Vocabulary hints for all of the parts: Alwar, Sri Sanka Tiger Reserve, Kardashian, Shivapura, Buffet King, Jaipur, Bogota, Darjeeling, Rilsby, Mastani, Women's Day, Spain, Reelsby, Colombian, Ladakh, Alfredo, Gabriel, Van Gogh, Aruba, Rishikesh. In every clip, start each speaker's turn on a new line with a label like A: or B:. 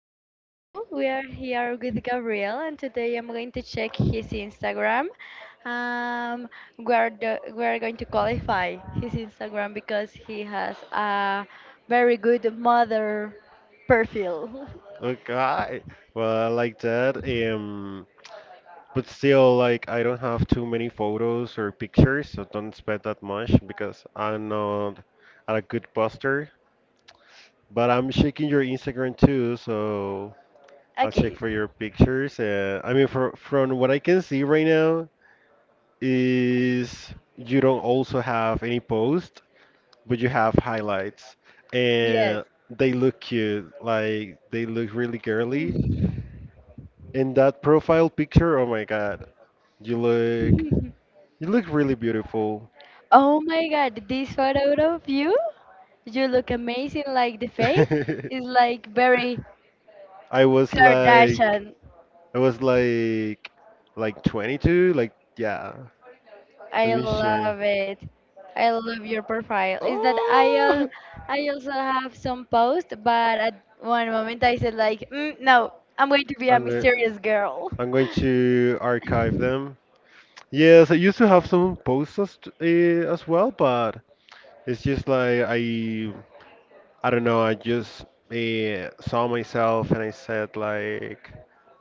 A: Okay,
B: So-
A: hello. We are here with Gabriel, and today I'm going to check his Instagram. Um, we are going to qualify his Instagram because he has a very good mother perfil.
B: Okay. Well, I like that. But still, like, I don't have too many photos or pictures, so don't spend that much because I'm not a good poster. But I'm checking your Instagram too, so I'll check
A: Okay,
B: for your pictures. I mean, from what I can see right now, is you don't also have any post, but you have highlights,
A: yes.
B: and they look cute. Like, they look really girly. In that profile picture, oh my god, you look you look really beautiful.
A: Oh my God, this photo of you, you look amazing. Like the face is like very
B: I was like
A: Kardashian.
B: I was like 22, like yeah. Let
A: I
B: me share.
A: love it. I love your profile. Is that I al
B: Oh,
A: I also have some posts, but at one moment I said like, mm, no, I'm going to be a
B: I'm going
A: mysterious girl.
B: I'm going to archive them. Yes, I used to have some posts as well, but it's just like I don't know, I just saw myself and I said like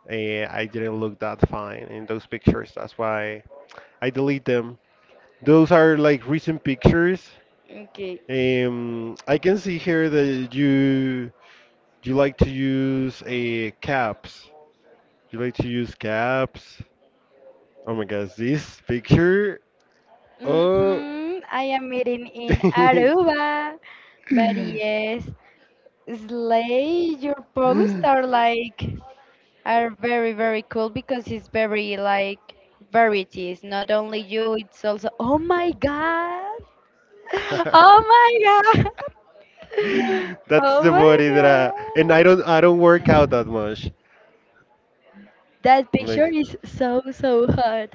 B: eh, I didn't look that fine in those pictures. That's why I delete them. Those are like recent pictures.
A: Okay.
B: I can see here that you like to use a caps. You like to use caps. Oh my gosh, this picture. Oh.
A: I am meeting in Aruba. But yes, Slay, your posts are like are very very cool because it's very like varieties. Not only you, it's also oh my god. Oh my god.
B: That's
A: Oh
B: the
A: my
B: body that I
A: god.
B: don't work out that much.
A: That
B: Like,
A: picture is so so hot.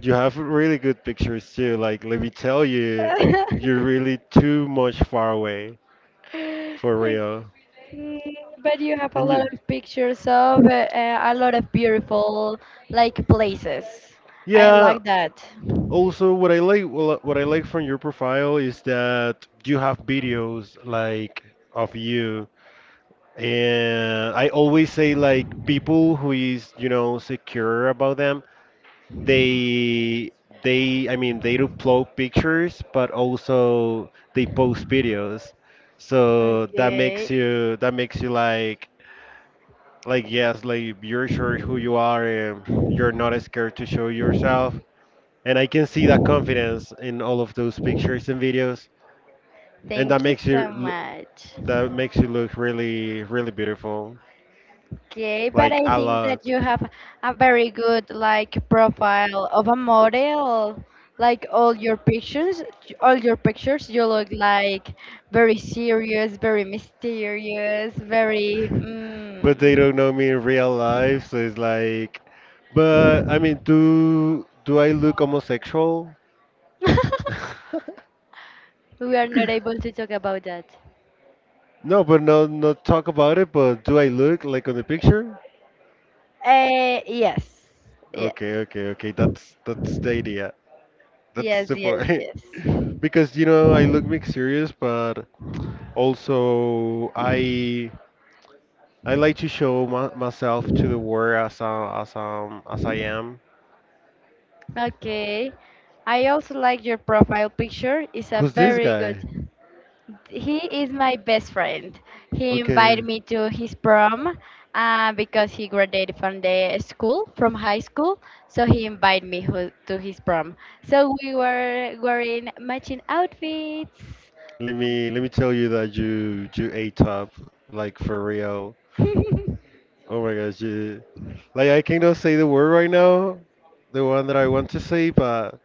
B: you have really good pictures too. Like, let me tell you, you're really too much far away for
A: Okay,
B: real.
A: but you have a
B: And you,
A: lot of pictures of a lot of beautiful like places. I
B: yeah.
A: like that.
B: Also, what I like, well, what I like from your profile is that you have videos like of you. And I always say like people who is, you know, secure about them they they I mean they upload pictures but also they post videos. So
A: Okay.
B: that makes you like yes, like you're sure who you are and you're not scared to show yourself. And I can see that confidence in all of those pictures and videos. And
A: Thank you so much.
B: that makes you look really really beautiful.
A: Okay, but
B: Like
A: I
B: a
A: think that
B: lot.
A: you have a very good like profile of a model. Like all your pictures, you look like very serious, very mysterious, very.
B: But they
A: Mm.
B: don't know me in real life, so it's like, but I mean, do I look homosexual?
A: We are not able to talk about that.
B: No, but no, not talk about it. But do I look like on the picture?
A: Yes, yes,
B: Okay. That's the idea. That's
A: yes,
B: the
A: yes,
B: point.
A: yes.
B: Because you know, I look mysterious, but also I like to show myself to the world as I am.
A: Okay, I also like your profile picture. It's a
B: Who's this
A: very good.
B: guy?
A: He is my best friend. He
B: Okay.
A: invited me to his prom because he graduated from the school, from high school. So he invited me to his prom. So we were wearing matching outfits.
B: Let me tell you that you ate top like for real. Oh my gosh, you like I cannot say the word right now, the one that I want to say, but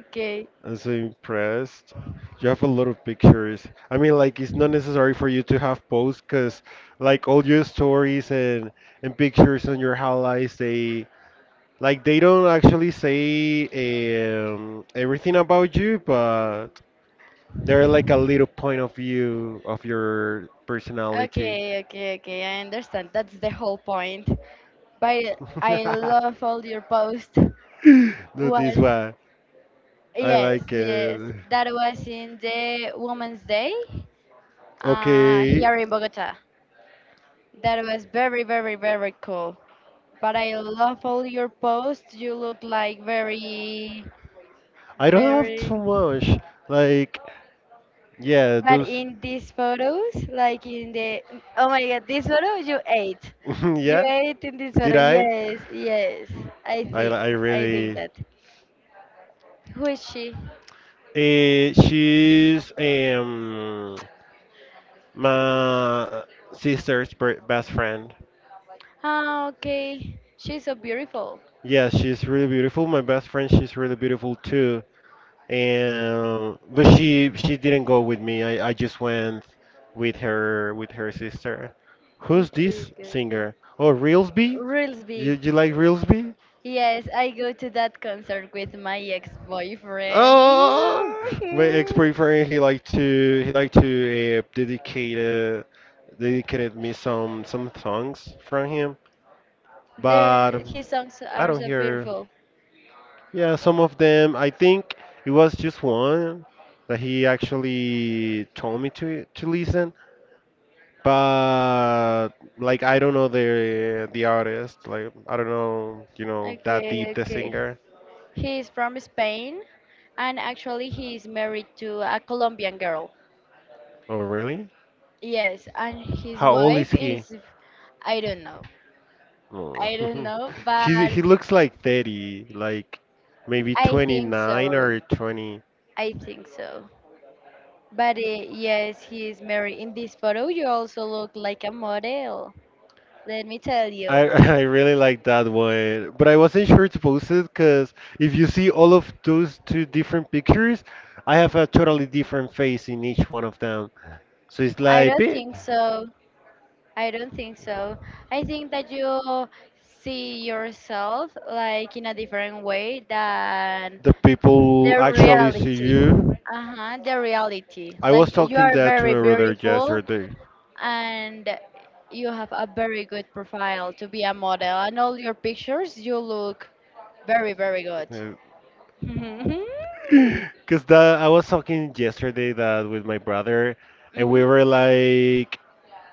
A: okay,
B: I'm so impressed. You have a lot of pictures. I mean, like it's not necessary for you to have posts, cause like all your stories and pictures on your highlights, they like they don't actually say everything about you, but they're like a little point of view of your personality.
A: okay. I understand. That's the whole point. But I love all your posts.
B: No,
A: What?
B: this one. I
A: Yes,
B: like
A: yes.
B: it.
A: That was in the Women's Day.
B: Okay.
A: Here in Bogota. That was very, very, very cool. But I love all your posts. You look like very,
B: I don't have too
A: very.
B: much. Like, yeah,
A: But
B: those.
A: in these photos, like in the oh my god, this photo you
B: Yeah?
A: ate in this
B: Did
A: photo.
B: I?
A: Yes, yes. I think,
B: I
A: I think
B: really.
A: that. Who is she?
B: Eh, she's my best friend.
A: Ah, okay. She's so beautiful.
B: Yeah, she's really beautiful. My best friend, she's really beautiful too. And but she didn't go with me. I just went with her sister. Who's
A: Okay,
B: this
A: good.
B: singer? Oh, Reelsby?
A: Rilsby.
B: You like Reelsby?
A: Yes, I go to that concert with my ex-boyfriend.
B: Oh, my ex-boyfriend he liked to dedicate dedicated me some songs from him,
A: There,
B: but
A: his songs
B: I
A: are
B: don't
A: so
B: hear.
A: beautiful.
B: Yeah, some of them. I think it was just one that he actually told me to listen, but like I don't know the artist. Like I don't know, you know, that
A: Okay,
B: deep the
A: okay.
B: singer.
A: He is from Spain, and actually he is married to a Colombian girl.
B: Oh really?
A: Yes, and his
B: How old
A: wife
B: is he?
A: is, I don't know,
B: Oh.
A: I don't know, but
B: He looks like 30, like maybe
A: I think
B: 29 or
A: so.
B: 20.
A: I think so. But yes, he is married. In this photo, you also look like a model. Let me tell you.
B: I I really like that one, but I wasn't sure to post it because if you see all of those two different pictures, I have a totally different face in each one of them. So it's
A: I
B: like,
A: don't
B: bit
A: think so. I don't think so. I think that you see yourself like in a different way than
B: the people
A: the
B: actually see
A: reality.
B: you
A: Uh-huh, the reality.
B: I
A: Like
B: was
A: you
B: talking
A: are
B: that to
A: very
B: my brother
A: beautiful
B: yesterday.
A: and you have a very good profile to be a model. And all your pictures, you look very, very good.
B: Because that I was talking yesterday that with my brother, and
A: hmm
B: we were like,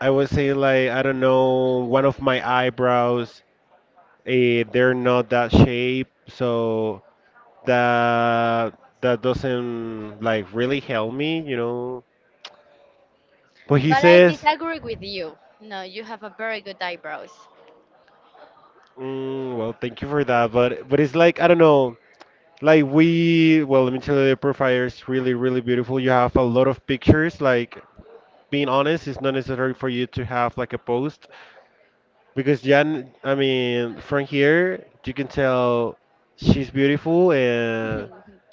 B: I was saying like, I don't know, one of my eyebrows, eh, they're not that shape, so that that doesn't like really help me, you know. But he
A: But I
B: says,
A: disagree with you. No, you have a very good eyebrows.
B: mm, well, thank you for that, but it's like I don't know. Well, let me tell you, the profile is really, really beautiful. You have a lot of pictures. Like being honest, it's not necessary for you to have like a post because Jan, I mean, from here you can tell she's beautiful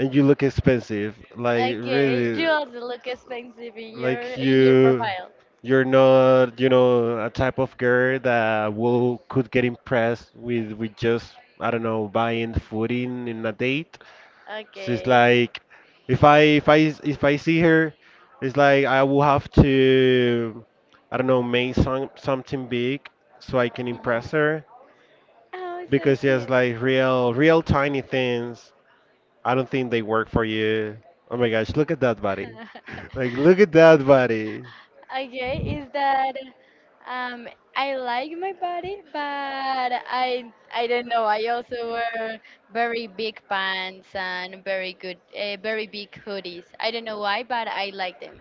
B: and you look expensive. Like
A: Okay,
B: really,
A: you also look expensive
B: like
A: in your
B: you,
A: profile.
B: you're not, you know, a type of girl that will could get impressed with just I don't know buying food in a date. So it's
A: Okay.
B: like if I if I if I see her, it's like I will have to I don't know make something big so I can impress
A: Mhm.
B: her
A: Oh, so
B: because
A: cute.
B: yes, like real tiny things. I don't think they work for you. Oh my gosh, look at that body. Like look at that body.
A: Okay, is that um I like my body, but I don't know. I also wear very big pants and very good very big hoodies. I don't know why, but I like them.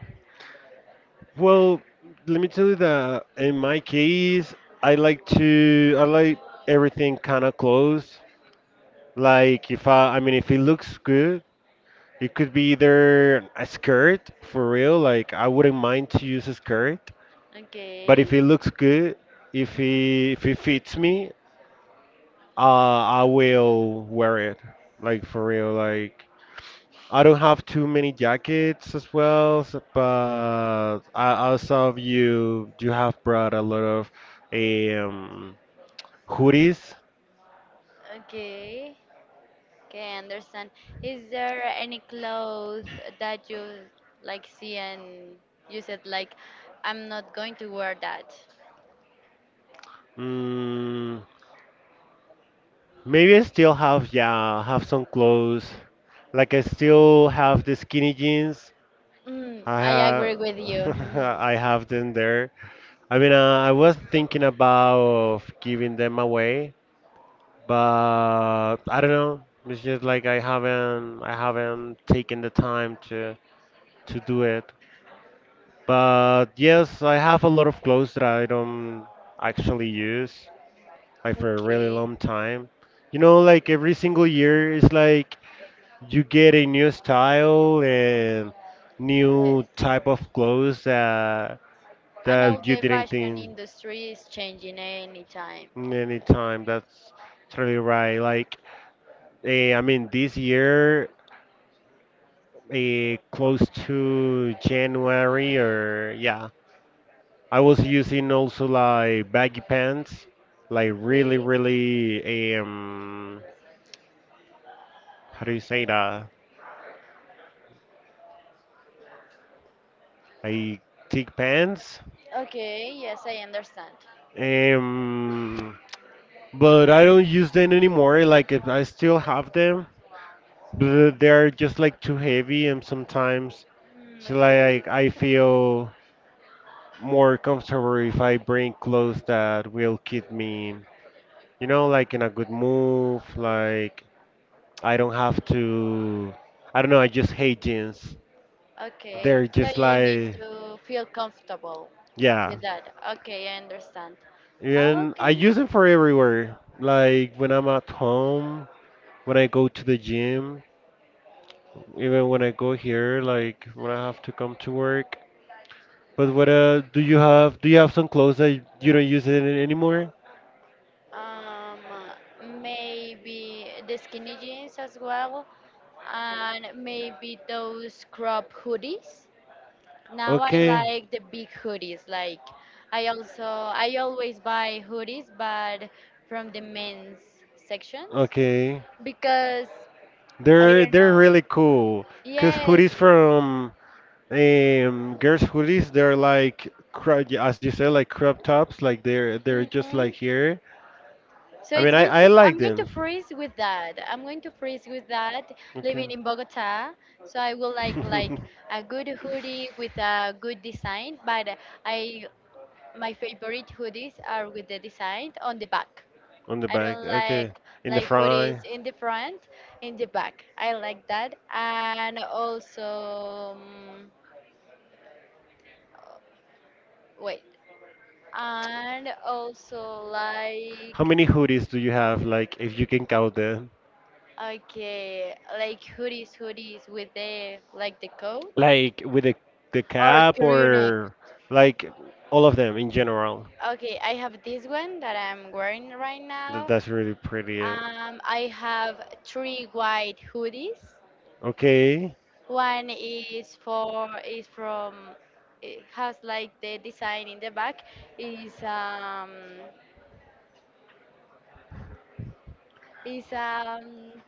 B: Well, let me tell you that in my case, I like everything kind of close. Like if I I mean if it looks good, it could be either a skirt for real, like I wouldn't mind to use a skirt, but if
A: Okay.
B: it looks good, if it fits me, I will wear it. Like for real, like I don't have too many jackets as well, so- but I saw you have brought a lot of um hoodies.
A: Okay. Okay, I understand. Is there any clothes that you like see and you said like I'm not going to wear that?
B: Mm, maybe I still have yeah, have some clothes. Like I still have the skinny jeans
A: Mm,
B: I
A: I
B: have,
A: agree with you. Mm,
B: I have them there. I mean, I was thinking about giving them away, but I don't know. It's just like I haven't taken the time to do it. But yes, I have a lot of clothes that I don't actually use, like for a really
A: okay.
B: long time. You know, like every single year, it's like you get a new style and new
A: Yes.
B: type of clothes that
A: I know
B: you
A: the
B: didn't
A: fashion
B: think
A: industry is changing any time.
B: in any time. That's totally right. Like, I mean, this year, close to January or yeah, I was using also like baggy pants, like really,
A: Okay.
B: really, um, how do you say that? Like thick pants.
A: Okay, yes, I understand.
B: Um, but I don't use them anymore. Like, if I still have them, but they're just like too heavy, and sometimes
A: Mm,
B: so
A: okay.
B: like
A: Yes.
B: I feel more comfortable if I bring clothes that will keep me, you know, like in a good mood. Like I don't have to. I don't know. I just hate jeans.
A: Okay.
B: They're
A: So
B: just
A: you need
B: like
A: to feel comfortable
B: yeah,
A: with that. Okay, I understand.
B: and I
A: Okay.
B: use them for everywhere. Like when I'm at home, when I go to the gym, even when I go here, like when I have to come to work. But what do you have? Do you have some clothes that you don't use it anymore?
A: um, Maybe the skinny jeans as well, and maybe those crop hoodies. Now I
B: Okay.
A: like the big hoodies. Like I always buy hoodies, but from the men's sections
B: Okay,
A: because I don't
B: they're
A: know.
B: really cool. Cause hoodies
A: Yes.
B: from girls hoodies, they're like yeah, as you said, like crop tops. Like they're just like
A: Mhm.
B: here.
A: So
B: I
A: it's
B: mean,
A: going to.
B: I like
A: I'm going to
B: them.
A: freeze with that. I'm going to freeze with that. Living
B: Okay.
A: in Bogota, so I will like a good hoodie with a good design. But I my favorite hoodies are with the design on the back.
B: On the
A: I
B: back,
A: don't
B: okay. In the
A: like hoodies
B: front,
A: in the front, in the back. I like that. And also, wait. And also
B: how
A: like
B: many hoodies do you have? Like, if you can count them,
A: okay, like hoodies, hoodies with the like the coat
B: like with the
A: or
B: cap
A: crew neck.
B: or like all of them in general.
A: Okay, I have this one that I'm wearing right now.
B: That, that's really pretty. Uh,
A: I have three white hoodies.
B: okay,
A: One is for is from it has like the design in the back is um is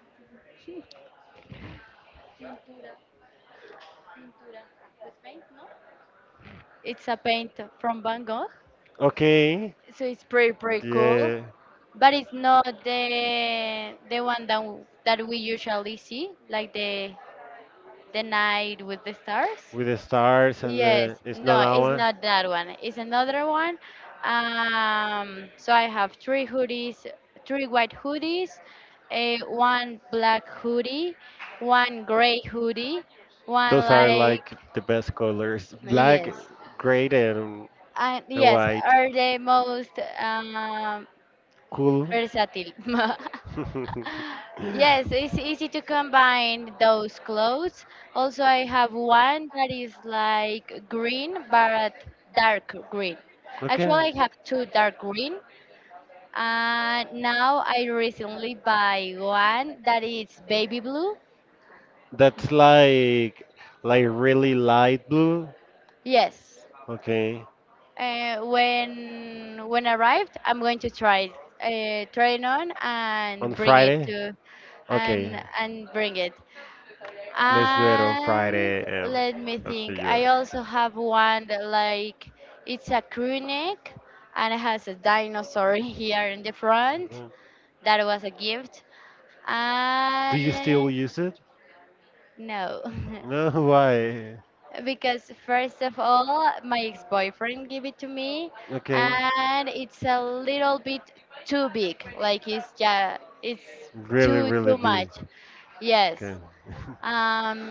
A: pintura pintura. It's paint, no? It's a paint from Van Gogh,
B: okay,
A: so it's pretty pretty cool.
B: yeah.
A: But it's not the one that that we usually see, like the night with the stars.
B: With the stars and the
A: Yes,
B: it's not
A: no,
B: that
A: it's
B: one.
A: not that one. It's another one. So I have three hoodies, three white hoodies, a one black hoodie, one gray hoodie, one
B: Those are
A: like
B: like the best colors: black,
A: yes,
B: gray,
A: and
B: and
A: yes
B: white.
A: are the most
B: Cool.
A: versatile. Yes, it's easy to combine those clothes. Also, I have one that is like green but dark green.
B: Okay.
A: Actually, I have two dark green, and now I recently buy one that is baby blue.
B: That's like really light blue.
A: Yes.
B: Okay.
A: When arrived, I'm going to try it on
B: On
A: and bring it
B: Friday.
A: to
B: Okay.
A: and bring it.
B: Let's do it on
A: And
B: Friday.
A: let me
B: Let's see
A: think.
B: you.
A: I also have one that like it's a crew neck and it has a dinosaur here in the front.
B: Mhm.
A: That was a gift.
B: Do you still
A: And
B: use it?
A: no.
B: No, why?
A: Because first of all, my ex-boyfriend gave it to me
B: Okay.
A: and it's a little bit too big. Like it's just it's
B: Really,
A: too
B: really
A: too
B: big.
A: much.
B: Okay.
A: Yes.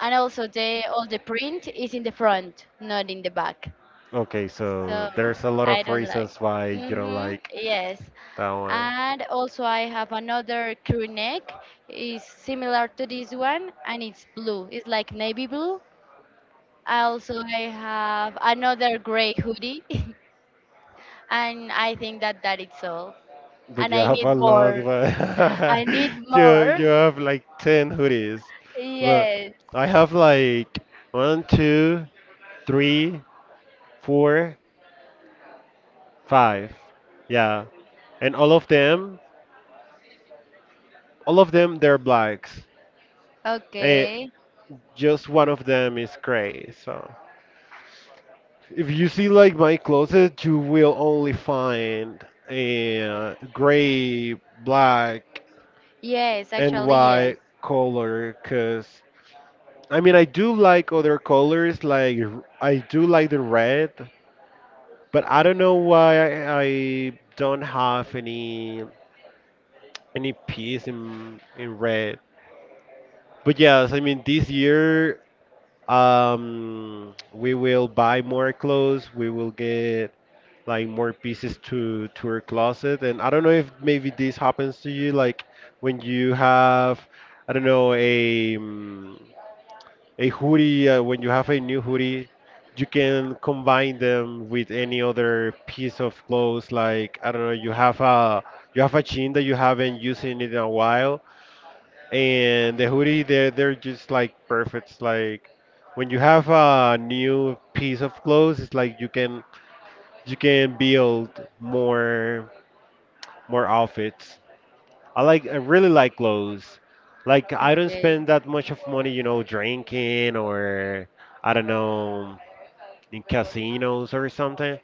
A: And also the all the print is in the front, not in the back.
B: Okay, so
A: So
B: there's a lot
A: I
B: of
A: don't like.
B: reasons why you don't
A: Mm-hmm,
B: like
A: yes.
B: that one.
A: And also I have another crew neck is similar to this one and it's blue. It's like navy blue. I Also I have another gray hoodie and I think that that is all.
B: But
A: And
B: you
A: I
B: have
A: need
B: a lot,
A: more.
B: but
A: I need
B: you
A: more.
B: you have like ten hoodies, but
A: Yes.
B: I have like one, two, three, four, five. Yeah. And all of them, they're blacks. And
A: Okay.
B: just one of them is gray. So if you see like my closet, you will only find a gray, black,
A: Yes,
B: and
A: actually, yes.
B: white color. Cause I mean, I do like other colors. Like I do like the red, but I don't know why I don't have any piece in red. But yes, I mean this year we will buy more clothes, we will get like more pieces to our closet, and I don't know if maybe this happens to you. Like when you have, I don't know, a hoodie, when you have a new hoodie, you can combine them with any other piece of clothes. Like I don't know, you have a, you have a jean that you haven't used in it in a while, and the hoodie, they're just like perfect. It's like when you have a new piece of clothes, it's like you can, you can build more, more outfits. I really like clothes. Like I don't
A: Okay.
B: spend that much of money, drinking or I don't know, in casinos or something.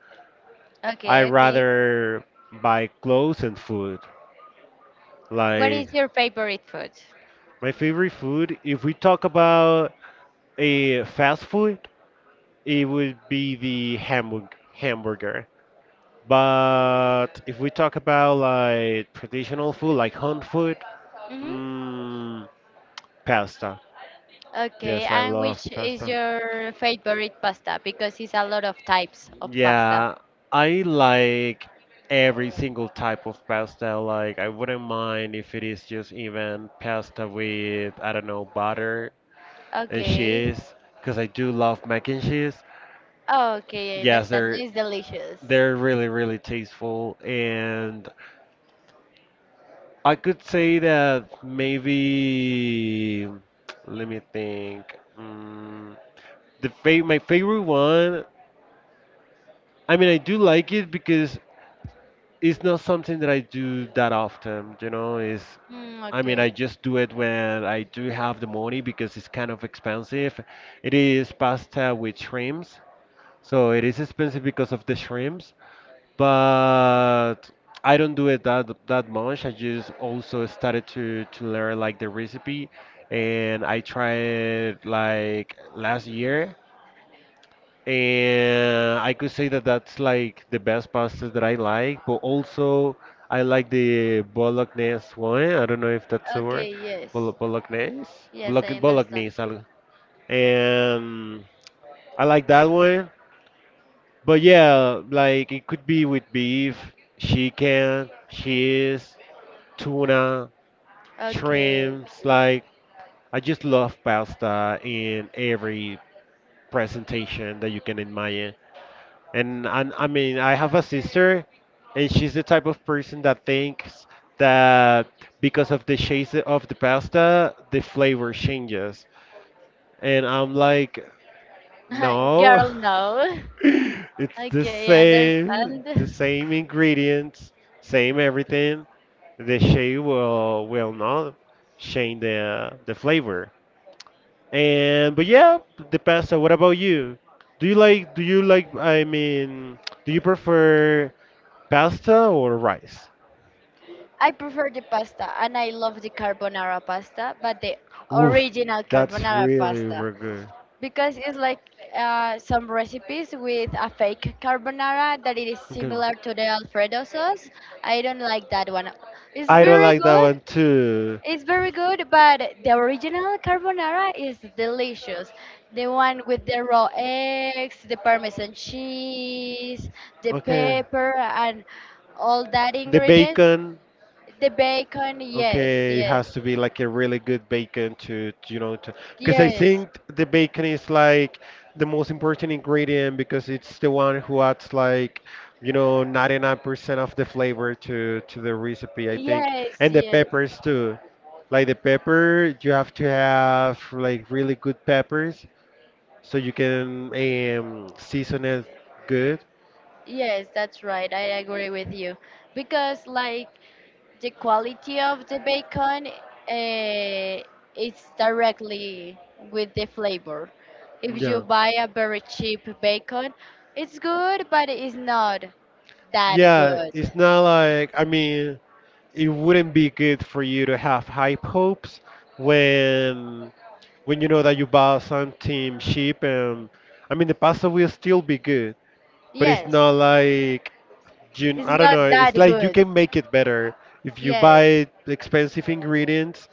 B: I
A: Okay, okay.
B: rather buy clothes and food.
A: What
B: Like
A: is your favorite food?
B: my favorite food, if we talk about a fast food, it would be the hamburger. But if we talk about like traditional food, like home food,
A: hmm
B: mm, pasta.
A: Okay,
B: Yes, I
A: and
B: love
A: which is
B: pasta.
A: your favorite pasta? Because it's a lot of types of pasta.
B: Yeah, I like every single type of pasta. Like, I wouldn't mind if it is just even pasta with, I don't know, butter and
A: Okay.
B: cheese, because I do love mac and cheese.
A: Okay, I
B: Yes,
A: understand.
B: they're
A: It's delicious.
B: they're really, really tasteful, and I could say that maybe, let me think. Mm, my favorite one. I mean, I do like it because it's not something that I do that often. Is,
A: Mm,
B: I mean, I
A: okay.
B: just do it when I do have the money because it's kind of expensive. It is pasta with shrimps, so it is expensive because of the shrimps. But I don't do it that much. I just also started to learn like the recipe, and I tried like last year, and I could say that that's like the best pasta that I like. But also I like the bolognese one. I don't know if that's a word.
A: Okay, yes.
B: Bolognese,
A: Yes, I understand.
B: Bolognese. And I like that one. But yeah, like it could be with beef, chicken, cheese, tuna,
A: Okay.
B: shrimps.
A: Okay.
B: Like I just love pasta in every presentation that you can imagine. And I mean, I have a sister, and she's the type of person that thinks that because of the shape of the pasta, the flavor changes. And I'm like, no.
A: Girl, no.
B: It's
A: Okay, I
B: the
A: understand.
B: same ingredients, same everything. The shade will not change the flavor. And but yeah, the pasta. What about you? Do you like? Do you like? I mean, do you prefer pasta or rice?
A: I prefer the pasta and I love the carbonara pasta, but the
B: Oof,
A: original
B: that's
A: carbonara
B: really,
A: pasta
B: really good.
A: because it's like some recipes with a fake carbonara that it is
B: Okay.
A: similar to the Alfredo sauce. I don't like that one. It's
B: I don't
A: very
B: like that
A: good.
B: one too.
A: It's very good, but the original carbonara is delicious. The one with the raw eggs, the parmesan cheese, the
B: Okay,
A: pepper, and all that
B: the
A: ingredients
B: bacon.
A: the bacon, yes,
B: Okay, it
A: yes,
B: has to be like a really good bacon you know, to, because I
A: yes,
B: think the bacon is like the most important ingredient because it's the one who adds like, you know, 99% of the flavor to the recipe, I think.
A: yes,
B: And the
A: yes,
B: peppers too. Like the pepper, you have to have like really good peppers so you can season it good.
A: yes, that's right. I agree with you. Because, like, the quality of the bacon, it's directly with the flavor. If you
B: Yeah.
A: buy a very cheap bacon, it's good, but it's not that
B: Yeah,
A: good.
B: it's not like, I mean, it wouldn't be good for you to have high hopes when when you know that you bought something cheap, and I mean the pasta will still be good, but it's
A: Yes,
B: not like, you,
A: it's
B: I don't
A: not
B: know,
A: that
B: it's like you
A: good.
B: can make it better. If you
A: Yes,
B: buy expensive ingredients,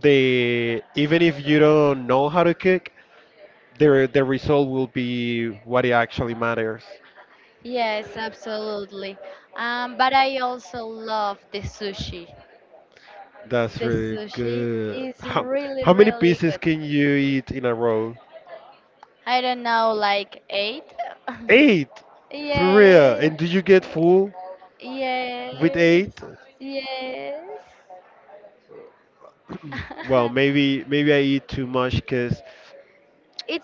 B: they, even if you don't know how to cook, the result will be what it actually matters.
A: yes, absolutely. But I also love the sushi.
B: That's
A: The
B: really
A: sushi
B: good.
A: is really,
B: How many
A: really
B: pieces
A: good.
B: can you eat in a row?
A: I don't know, like eight?
B: Eight, for real.
A: Yeah.
B: And do you get full with
A: Yes.
B: eight?
A: Yes.
B: Well, maybe, maybe I eat too much, cause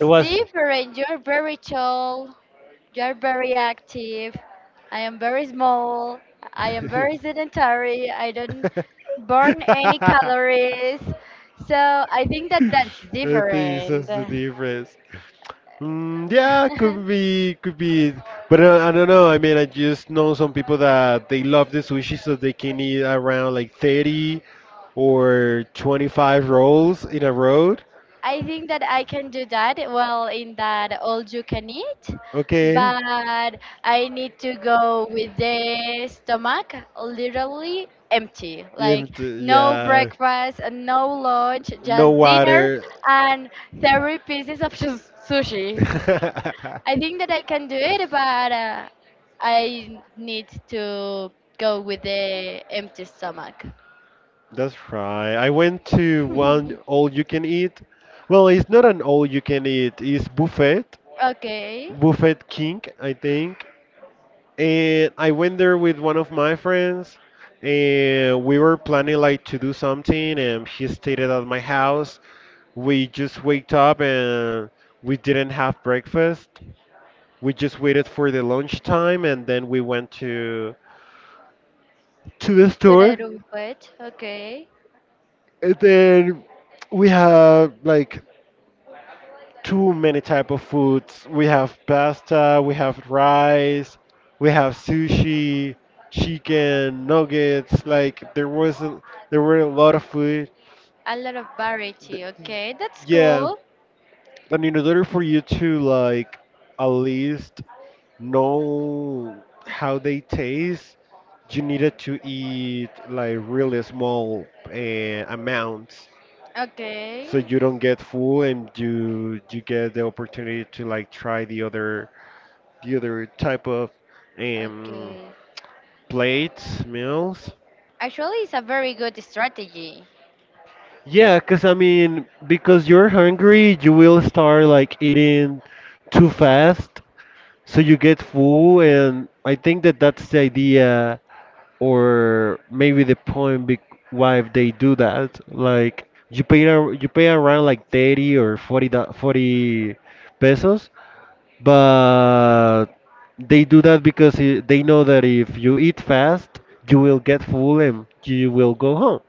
B: it was.
A: different. You're very tall. You're very active. I am very small. I am
B: I
A: very sedentary. I don't burn any calories. So I think that that's
B: think that's
A: different.
B: the difference. Mm, yeah, could be, could be. It. But I don't know. I mean, I just know some people that they love the sushi, so they can eat around like 30 or 25 rolls in a row.
A: I think that I can do that well in that all you can eat,
B: Okay.
A: but I need to go with the stomach literally empty.
B: Yeah,
A: Like no
B: yeah.
A: breakfast, and no lunch,
B: No
A: just dinner
B: water.
A: and 30 pieces of sushi. I think that I can do it, but I need to go with the empty stomach.
B: That's right. I went to one all you can eat. Well, it's not an all you can eat, it's buffet.
A: Okay.
B: Buffet King, I think. And I went there with one of my friends, and we were planning like to do something, and he stayed at my house. We just waked up and we didn't have breakfast. We just waited for the lunchtime, and then we went to the
A: To the
B: store.
A: buffet. Okay.
B: And then we have like too many type of foods. We have pasta, we have rice, we have sushi, chicken, nuggets. Like there wasn't, there were a lot of food.
A: A lot of variety.
B: Th-
A: Okay, that's
B: Yeah,
A: cool.
B: I mean, in order for you to like at least know how they taste, you needed to eat like really small amounts.
A: Okay,
B: So you don't get full and you get the opportunity to like try the other, the other type of um
A: okay.
B: plates, meals.
A: Actually, it's a very good strategy.
B: Yeah, cause I mean because you're hungry, you will start like eating too fast, so you get full, and I think that that's the idea, or maybe the point be why they do that. Like you pay you pay around like 30 or 40 40 pesos, but they do that because they know that if you eat fast, you will get full and you will go home.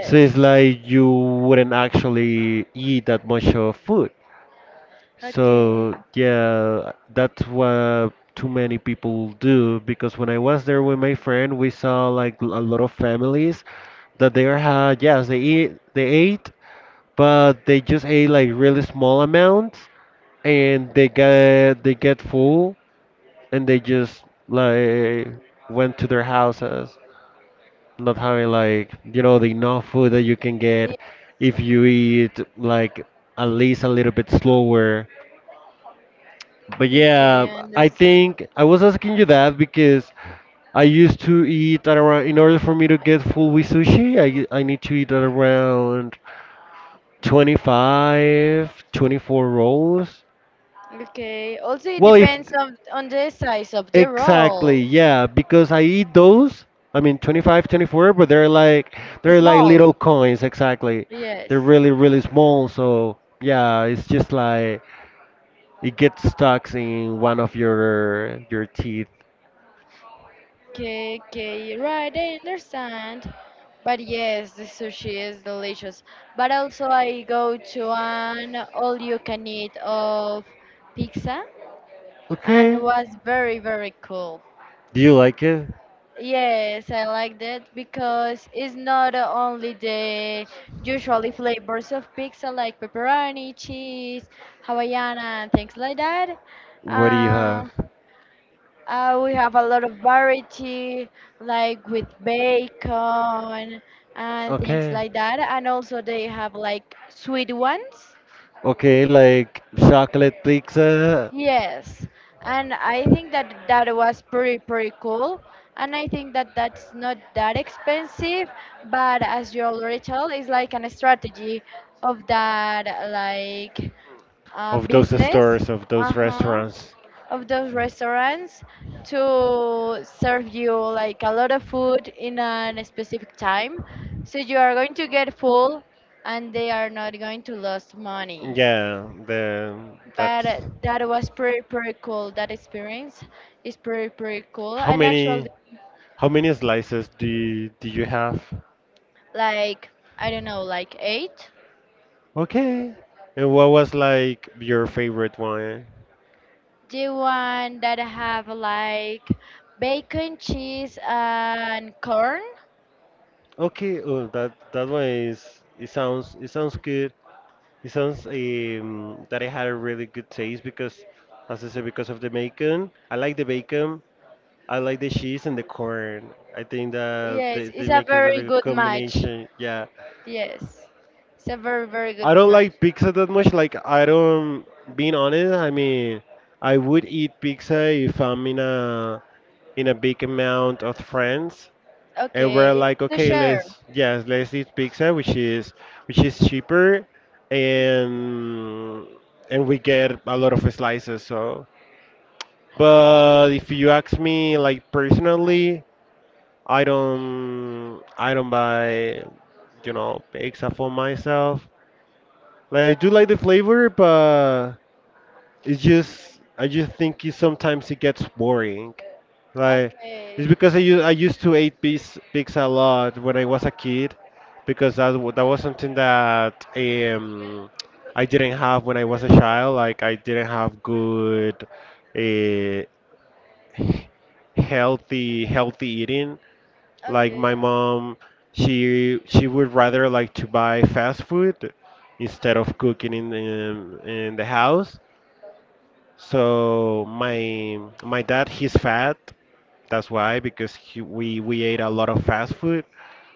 B: So it's like you wouldn't actually eat that much of food.
A: Okay,
B: So yeah, that's what too many people do, because when I was there with my friend, we saw like a lot of families that they had, yes, they eat, they ate, but they just ate like really small amounts, and they get full, and they just like went to their houses, not having like, you know, the enough food that you can
A: yeah.
B: get if you eat like at least a little bit slower. But yeah,
A: Okay, I
B: I
A: understand.
B: think I was asking you that because I used to eat at around, in order for me to get full with sushi, I need to eat at around 25, 24 rolls.
A: Okay, also it
B: Well, if,
A: depends on the size of the
B: exactly,
A: roll.
B: yeah, because I eat those, I mean 25, 24, but they're like,
A: The
B: they're like
A: small.
B: little coins, exactly. They're
A: Yes.
B: really, really small, so yeah, it's just like it gets stuck in one of your teeth.
A: Okay, okay, right, I understand. But yes, the sushi is delicious. But also, I go to an all-you-can-eat of pizza. And
B: Okay.
A: was very very cool.
B: Do you like it?
A: Yes, I like that because it's not only the usually flavors of pizza like pepperoni, cheese, Hawaiiana, and things like that.
B: What do you have?
A: Um, we have a lot of variety, like with bacon and things
B: Okay.
A: like that. And also they have like sweet ones
B: Okay, like chocolate pizza
A: yes, and I think that that was pretty pretty cool, and I think that that's not that expensive, but as you already told, it's like an strategy of that like
B: of those
A: business,
B: stores, of those
A: uh-huh,
B: restaurants.
A: of those restaurants to serve you like a lot of food in a specific time, so you are going to get full, and they are not going to lose money
B: Yeah, the
A: but
B: that's
A: that was pretty pretty cool. That experience is pretty pretty cool.
B: how
A: And actually,
B: many, how many slices do you have?
A: like I don't know, like eight.
B: Okay. And what was like your favorite one?
A: The one that have like bacon, cheese, and corn.
B: Okay, oh that, that one is, it sounds, it sounds good. It sounds that it had a really good taste because, as I said, because of the bacon. I like the bacon. I like the cheese and the corn. I think that
A: Yes, it's
B: they
A: a
B: make a
A: very
B: really good
A: good match.
B: combination. Yeah.
A: Yes, it's a very very good
B: I don't
A: match.
B: like pizza that much. Like, I don't, being honest, I mean, I would eat pizza if I'm in a, in a big amount of friends and we're
A: Okay,
B: like,
A: to
B: okay,
A: share.
B: let's, yes, let's eat pizza, which is, which is cheaper, and and we get a lot of slices. So, but if you ask me, like personally, I don't buy, you know, pizza for myself. Like I do like the flavor, but it's just, I just think it, sometimes it gets boring. Like
A: Okay,
B: it's because I I used to eat pigs a lot when I was a kid because that that was something that I didn't have when I was a child. Like I didn't have good uh, healthy eating. Like
A: okay,
B: my mom, she would rather like to buy fast food instead of cooking in the house. So my dad, he's fat, that's why, because he, we ate a lot of fast food,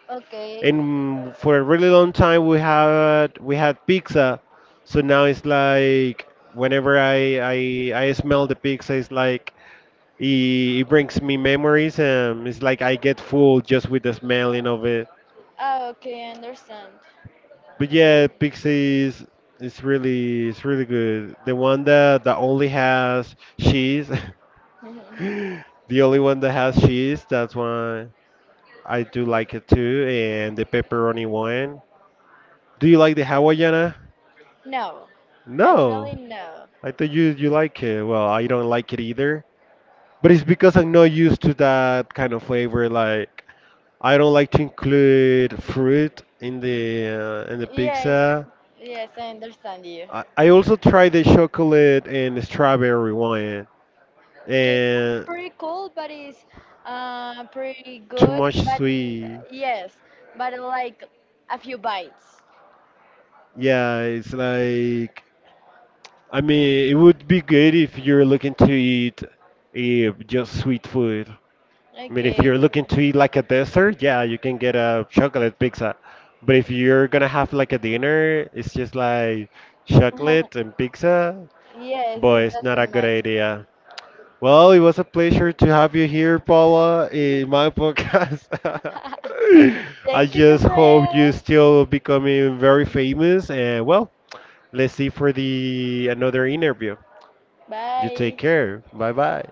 A: okay.
B: and for a really long time we had pizza. So now it's like whenever I smell the pizza, it's like it, it brings me memories, and it's like I get full just with the smelling of it.
A: Oh, okay, I understand.
B: But
A: Okay.
B: yeah, pizza is, it's really, it's really good. The one that only has cheese, the only one that has cheese. That's why. I do like it too, and the pepperoni one. Do you like the Hawaiiana?
A: No,
B: No,
A: actually no.
B: I thought you like it. Well, I don't like it either. But it's because I'm not used to that kind of flavor. Like I don't like to include fruit in the
A: Yes,
B: pizza.
A: yes, I understand you.
B: I also tried the chocolate and strawberry one,
A: Okay, that's
B: and
A: pretty cool, but it's pretty
B: too
A: good.
B: much sweet.
A: Yes, but like a few bites.
B: Yeah, it's like, I mean, it would be good if you're looking to eat just sweet food. I mean, if
A: Okay.
B: you're looking to eat like a dessert, yeah, you can get a chocolate pizza. But if you're gonna have like a dinner, it's just like chocolate and pizza.
A: Yes,
B: Boy,
A: it
B: it's not a
A: doesn't
B: good
A: match.
B: idea. Well, it was a pleasure to have you here, Paula, in my podcast. I
A: Thank you,
B: just hope you
A: Gabriel.
B: still becoming very famous, and well, let's see for the another interview. You take
A: Bye.
B: care. Bye bye.